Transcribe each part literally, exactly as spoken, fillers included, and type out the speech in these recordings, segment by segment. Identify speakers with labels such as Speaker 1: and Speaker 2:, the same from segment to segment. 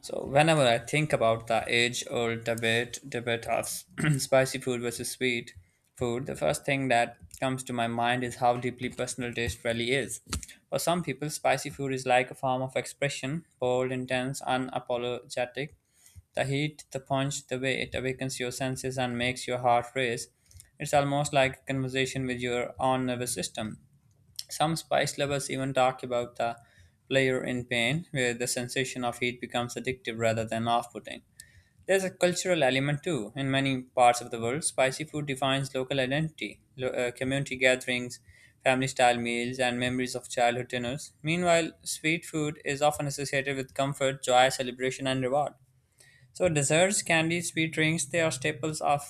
Speaker 1: So whenever I think about the age-old debate debate of spicy food versus sweet food, the first thing that comes to my mind is how deeply personal taste really is. For some people, spicy food is like a form of expression, bold, intense, unapologetic. The heat, the punch, the way it awakens your senses and makes your heart race. It's almost like a conversation with your own nervous system. Some spice lovers even talk about the player in pain, where the sensation of heat becomes addictive rather than off putting. There's a cultural element too. In many parts of the world, spicy food defines local identity, lo- uh, community gatherings, family style meals, and memories of childhood dinners. Meanwhile, sweet food is often associated with comfort, joy, celebration, and reward. So, desserts, candies, sweet drinks, they are staples of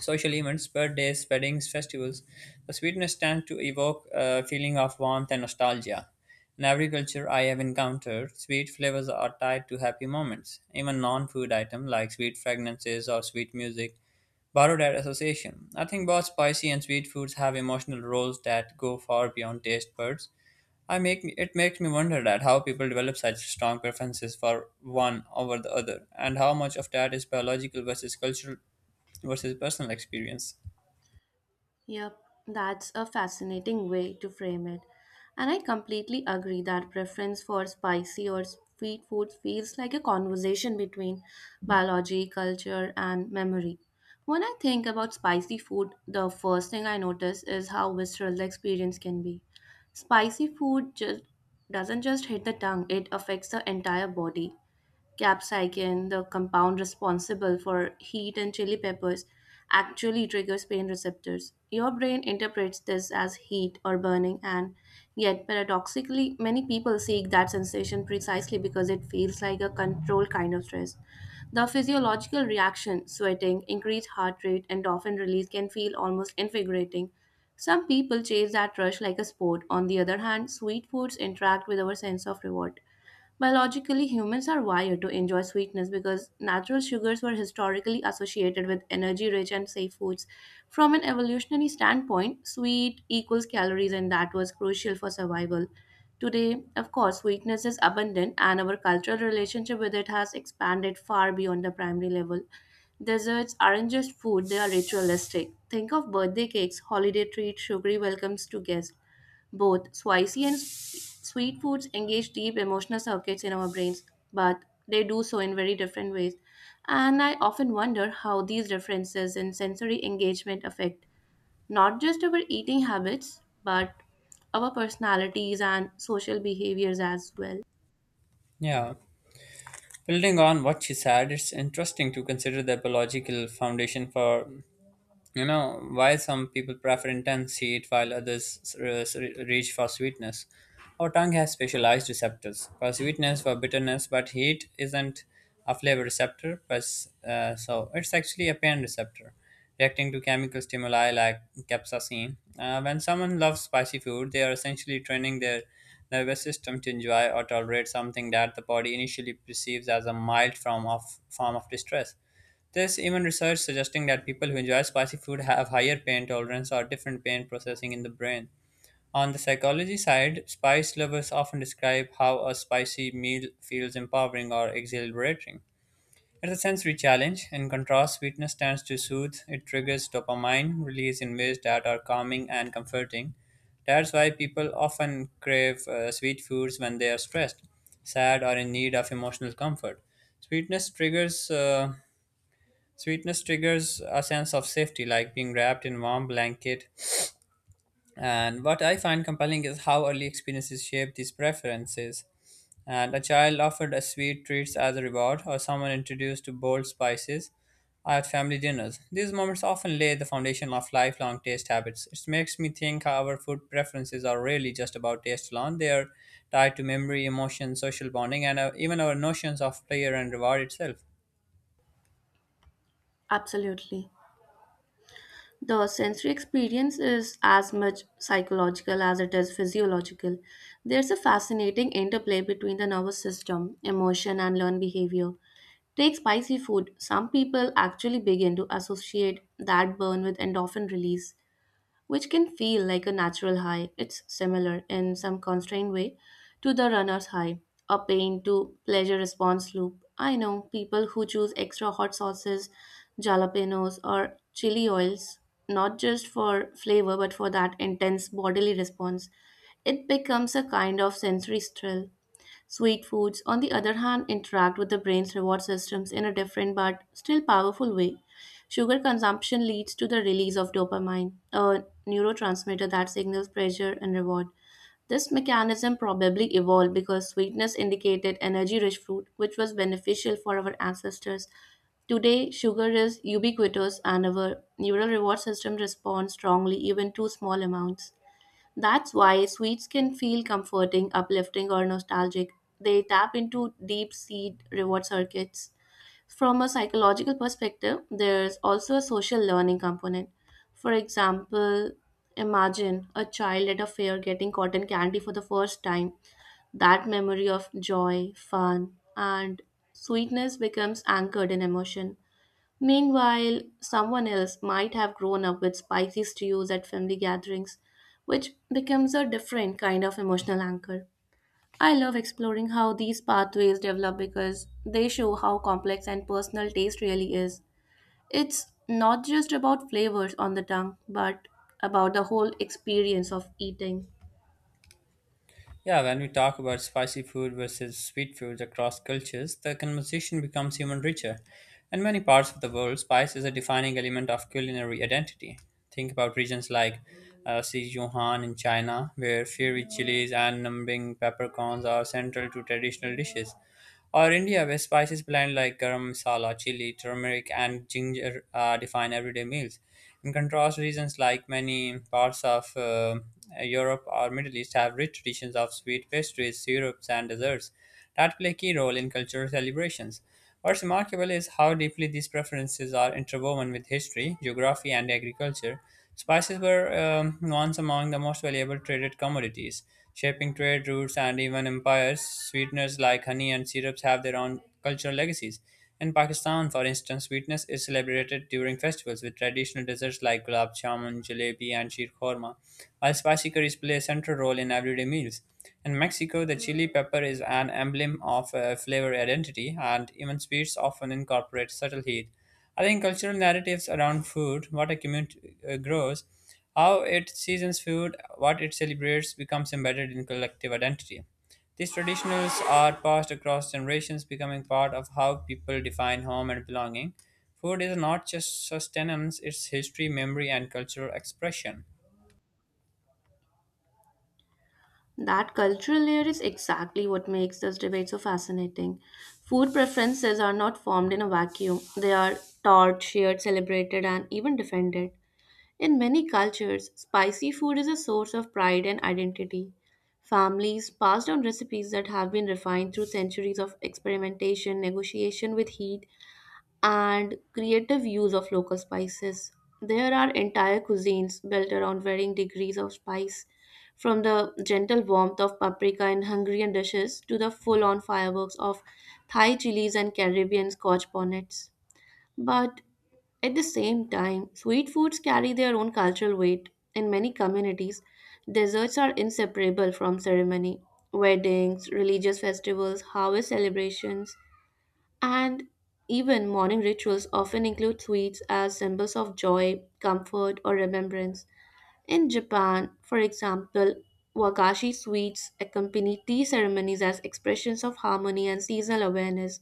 Speaker 1: social events, birthdays, weddings, festivals. The sweetness tends to evoke a feeling of warmth and nostalgia. In every culture I have encountered, sweet flavors are tied to happy moments. Even non food items like sweet fragrances or sweet music borrow that association. I think both spicy and sweet foods have emotional roles that go far beyond taste buds. I make it makes me wonder that how people develop such strong preferences for one over the other, and how much of that is biological versus cultural versus personal experience.
Speaker 2: Yep, that's a fascinating way to frame it. And I completely agree that preference for spicy or sweet food feels like a conversation between biology, culture, and memory. When I think about spicy food, the first thing I notice is how visceral the experience can be. Spicy food just doesn't just hit the tongue, it affects the entire body capsaicin, the compound responsible for heat in chili peppers, actually triggers pain receptors. Your brain interprets this as heat or burning, and yet, paradoxically, many people seek that sensation precisely because it feels like a controlled kind of stress. The physiological reaction, sweating, increased heart rate, endorphin release, can feel almost invigorating. Some people chase that rush like a sport. On the other hand, sweet foods interact with our sense of reward. Biologically, humans are wired to enjoy sweetness because natural sugars were historically associated with energy rich and safe foods. From an evolutionary standpoint, sweet equals calories, and that was crucial for survival. Today, of course, sweetness is abundant, and our cultural relationship with it has expanded far beyond the primary level. Desserts aren't just food, they are ritualistic. Think of birthday cakes, holiday treats, sugary welcomes to guests. Both spicy and s- sweet foods engage deep emotional circuits in our brains, but they do so in very different ways. And I often wonder how these differences in sensory engagement affect not just our eating habits, but our personalities and social behaviors as well.
Speaker 1: Yeah, building on what she said, it's interesting to consider the biological foundation for, you know, why some people prefer intense heat while others uh, reach for sweetness. Our tongue has specialized receptors for sweetness, for bitterness, but heat isn't a flavor receptor, but, uh, so it's actually a pain receptor reacting to chemical stimuli like capsaicin. Uh, when someone loves spicy food, they are essentially training their nervous system to enjoy or tolerate something that the body initially perceives as a mild form of, form of distress. There's even research suggesting that people who enjoy spicy food have higher pain tolerance or different pain processing in the brain. On the psychology side, spice lovers often describe how a spicy meal feels empowering or exhilarating. It's a sensory challenge. In contrast, sweetness tends to soothe. It triggers dopamine release in ways that are calming and comforting. That's why people often crave uh, sweet foods when they are stressed, sad, or in need of emotional comfort. Sweetness triggers uh, Sweetness triggers a sense of safety, like being wrapped in warm blanket. And what I find compelling is how early experiences shape these preferences. And a child offered a sweet treats as a reward, or someone introduced to bold spices at family dinners. These moments often lay the foundation of lifelong taste habits. It makes me think how our food preferences are really just about taste alone. They are tied to memory, emotion, social bonding, and uh, even our notions of pleasure and reward itself.
Speaker 2: Absolutely. The sensory experience is as much psychological as it is physiological. There's a fascinating interplay between the nervous system, emotion, and learned behavior. Take spicy food. Some people actually begin to associate that burn with endorphin release, which can feel like a natural high. It's similar, in some constrained way, to the runner's high, a pain to pleasure response loop. I know people who choose extra hot sauces, jalapenos, or chili oils, not just for flavor but for that intense bodily response. It becomes a kind of sensory thrill. Sweet foods, on the other hand, interact with the brain's reward systems in a different but still powerful way. Sugar consumption leads to the release of dopamine, a neurotransmitter that signals pleasure and reward. This mechanism probably evolved because sweetness indicated energy rich food, which was beneficial for our ancestors. Today, sugar is ubiquitous and our neural reward system responds strongly even to small amounts. That's why sweets can feel comforting, uplifting, or nostalgic. They tap into deep seed reward circuits. From a psychological perspective, there's also a social learning component. For example, imagine a child at a fair getting cotton candy for the first time. That memory of joy, fun, and sweetness becomes anchored in emotion. Meanwhile, someone else might have grown up with spicy stews at family gatherings, which becomes a different kind of emotional anchor. I love exploring how these pathways develop because they show how complex and personal taste really is. It's not just about flavors on the tongue, but about the whole experience of eating.
Speaker 1: Yeah, when we talk about spicy food versus sweet foods across cultures, the conversation becomes even richer. In many parts of the world, spice is a defining element of culinary identity. Think about regions like uh, Sichuan in China, where fiery chilies and numbing peppercorns are central to traditional dishes. Or India, where spices blend like garam masala, chili, turmeric, and ginger uh, define everyday meals. In contrast, regions like many parts of uh, Europe or Middle East have rich traditions of sweet pastries, syrups, and desserts that play a key role in cultural celebrations. What's remarkable is how deeply these preferences are interwoven with history, geography, and agriculture. Spices were um, once among the most valuable traded commodities, shaping trade routes and even empires. Sweeteners like honey and syrups have their own cultural legacies. In Pakistan, for instance, sweetness is celebrated during festivals with traditional desserts like gulab jamun, jalebi, and sheer korma, while spicy curries play a central role in everyday meals. In Mexico, the chili pepper is an emblem of uh, flavor identity, and even sweets often incorporate subtle heat. I think cultural narratives around food, what a community uh, grows, how it seasons food, what it celebrates, becomes embedded in collective identity. These traditions are passed across generations, becoming part of how people define home and belonging. Food is not just sustenance, it's history, memory, and cultural expression.
Speaker 2: That cultural layer is exactly what makes this debate so fascinating. Food preferences are not formed in a vacuum, they are taught, shared, celebrated, and even defended. In many cultures, spicy food is a source of pride and identity. Families pass down recipes that have been refined through centuries of experimentation, negotiation with heat, and creative use of local spices. There are entire cuisines built around varying degrees of spice, from the gentle warmth of paprika in Hungarian dishes to the full on fireworks of Thai chilies and Caribbean scotch bonnets. But at the same time, sweet foods carry their own cultural weight. In many communities, desserts are inseparable from ceremony. Weddings, religious festivals, harvest celebrations, and even morning rituals often include sweets as symbols of joy, comfort, or remembrance. In Japan, for example, wakashi sweets accompany tea ceremonies as expressions of harmony and seasonal awareness.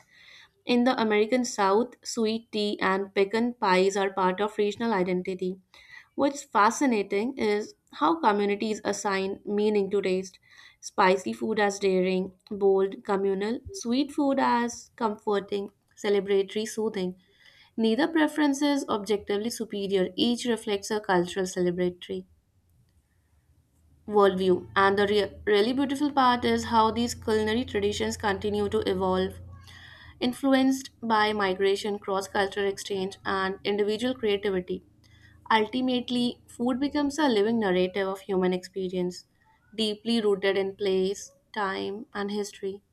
Speaker 2: In the American South, sweet tea and pecan pies are part of regional identity. What's fascinating is how communities assign meaning to taste. Spicy food as daring, bold, communal, sweet food as comforting, celebratory, soothing. Neither preference is objectively superior, each reflects a cultural celebratory worldview. And the rea- really beautiful part is how these culinary traditions continue to evolve influenced by migration, cross cultural exchange, and individual creativity. Ultimately, food becomes a living narrative of human experience, deeply rooted in place, time, and history.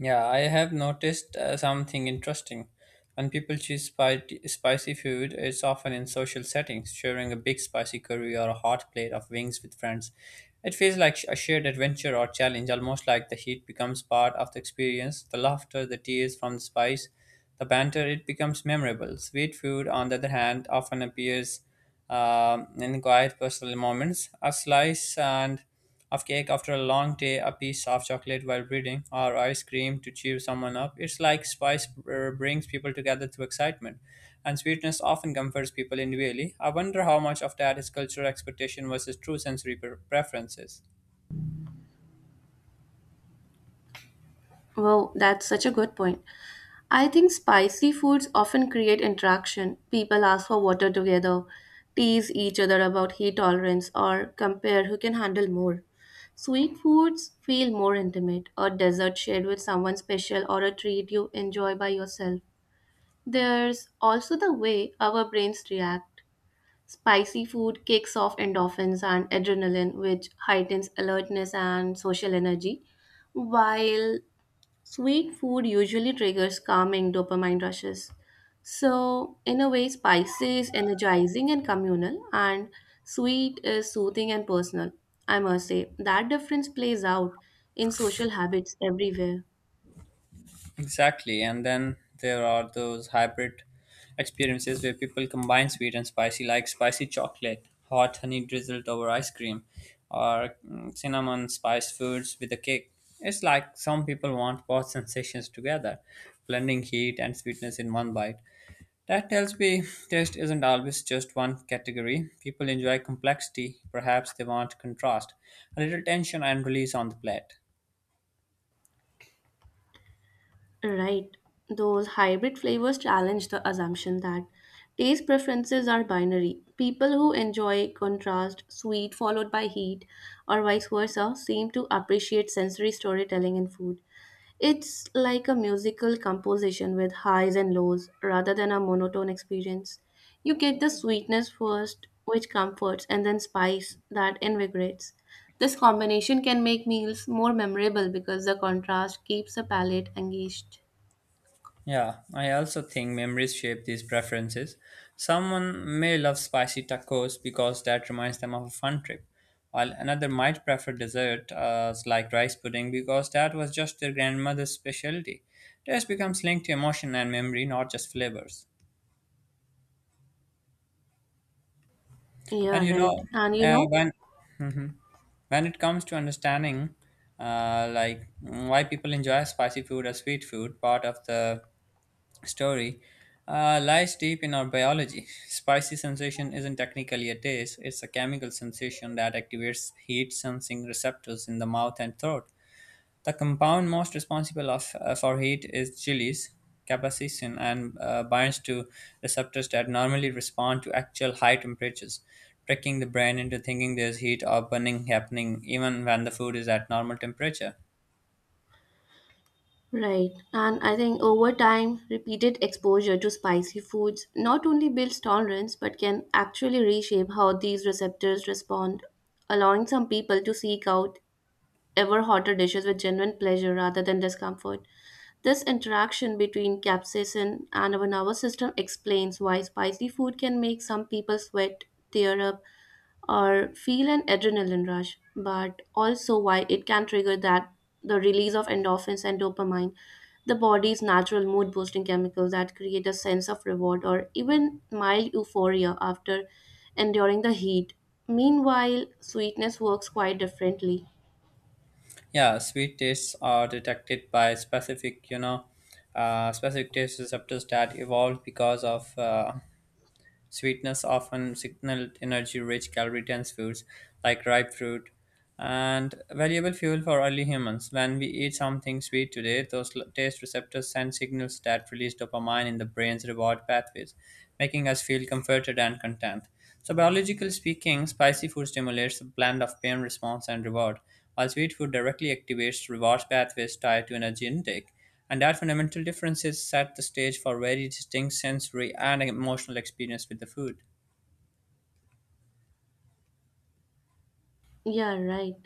Speaker 1: Yeah, I have noticed uh, something interesting. When people choose spi- spicy food, it's often in social settings, sharing a big spicy curry or a hot plate of wings with friends. It feels like sh- a shared adventure or challenge, almost like the heat becomes part of the experience, the laughter, the tears from the spice, the banter, it becomes memorable. Sweet food, on the other hand, often appears um, in quiet personal moments. A slice and of cake after a long day, a piece of chocolate while reading, or ice cream to cheer someone up. It's like spice uh, brings people together through excitement, and sweetness often comforts people individually. I wonder how much of that is cultural expectation versus true sensory pre- preferences.
Speaker 2: Wow, that's such a good point. I think spicy foods often create interaction. People ask for water together, tease each other about heat tolerance, or compare who can handle more. Sweet foods feel more intimate, a dessert shared with someone special, or a treat you enjoy by yourself. There's also the way our brains react. Spicy food kicks off endorphins and adrenaline, which heightens alertness and social energy, while sweet food usually triggers calming dopamine rushes. So, in a way, spicy is energizing and communal, and sweet is soothing and personal. I must say, that difference plays out in social habits everywhere.
Speaker 1: Exactly. And then there are those hybrid experiences where people combine sweet and spicy, like spicy chocolate, hot honey drizzled over ice cream, or mm, cinnamon spiced foods with a cake. It's like some people want both sensations together, blending heat and sweetness in one bite. That tells me taste isn't always just one category. People enjoy complexity, perhaps they want contrast, a little tension and release on the plate.
Speaker 2: Right. Those hybrid flavors challenge the assumption that taste preferences are binary. People who enjoy contrast, sweet followed by heat, or vice versa, seem to appreciate sensory storytelling in food. It's like a musical composition with highs and lows rather than a monotone experience. You get the sweetness first, which comforts, and then spice that invigorates. This combination can make meals more memorable because the contrast keeps the palate engaged.
Speaker 1: Yeah, I also think memories shape these preferences. Someone may love spicy tacos because that reminds them of a fun trip, while another might prefer dessert uh, like rice pudding because that was just their grandmother's specialty. Taste becomes linked to emotion and memory, not just flavors.
Speaker 2: Yeah,
Speaker 1: And you know,
Speaker 2: right. And you
Speaker 1: uh,
Speaker 2: know,
Speaker 1: when Mhm. when it comes to understanding, uh, like mm, why people enjoy spicy food or sweet food, part of the story uh, lies deep in our biology. Spicy sensation isn't technically a taste, it's a chemical sensation that activates heat sensing receptors in the mouth and throat. The compound most responsible of, uh, for heat is chilies, capsaicin, and uh, binds to receptors that normally respond to actual high temperatures, tricking the brain into thinking there's heat or burning happening even when the food is at normal temperature.
Speaker 2: right. And I think over time, repeated exposure to spicy foods not only builds tolerance but can actually reshape how these receptors respond, allowing some people to seek out ever hotter dishes with genuine pleasure rather than discomfort. This interaction between capsaicin and our nervous system explains why spicy food can make some people sweat, tear up, or feel an adrenaline rush, but also why it can trigger that the release of endorphins and dopamine, the body's natural mood boosting chemicals that create a sense of reward or even mild euphoria after enduring the heat. Meanwhile, sweetness works quite differently.
Speaker 1: Yeah, sweet tastes are detected by specific, you know, uh, specific taste receptors that evolved because of uh, sweetness often signaled energy rich, calorie dense foods like ripe fruit and valuable fuel for early humans. When we eat something sweet today, those l- taste receptors send signals that release dopamine in the brain's reward pathways, making us feel comforted and content. So, biologically speaking, spicy food stimulates a blend of pain response and reward, while sweet food directly activates reward pathways tied to energy intake. And that fundamental differences set the stage for very distinct sensory and emotional experience with the food.
Speaker 2: Yeah, right.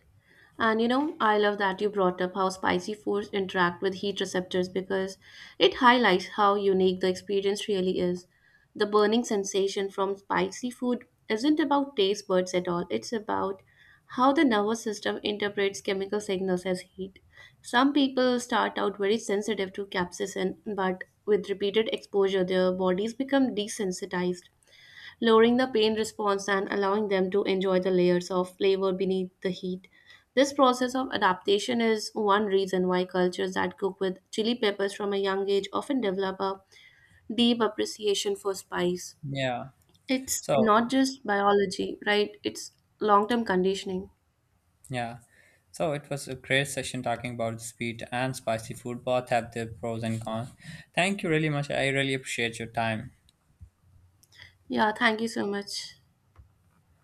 Speaker 2: And you know, I love that you brought up how spicy foods interact with heat receptors because it highlights how unique the experience really is. The burning sensation from spicy food isn't about taste buds at all, it's about how the nervous system interprets chemical signals as heat. Some people start out very sensitive to capsaicin, but with repeated exposure, their bodies become desensitized lowering the pain response and allowing them to enjoy the layers of flavor beneath the heat. This process of adaptation is one reason why cultures that cook with chili peppers from a young age often develop a deep appreciation for spice.
Speaker 1: Yeah.
Speaker 2: It's not
Speaker 1: So,
Speaker 2: just biology, right? It's long term conditioning.
Speaker 1: yeah. So it was a great session talking about sweet and spicy food. Both have their pros and cons. Thank you really much. I really appreciate your time.
Speaker 2: Yeah, thank you so much.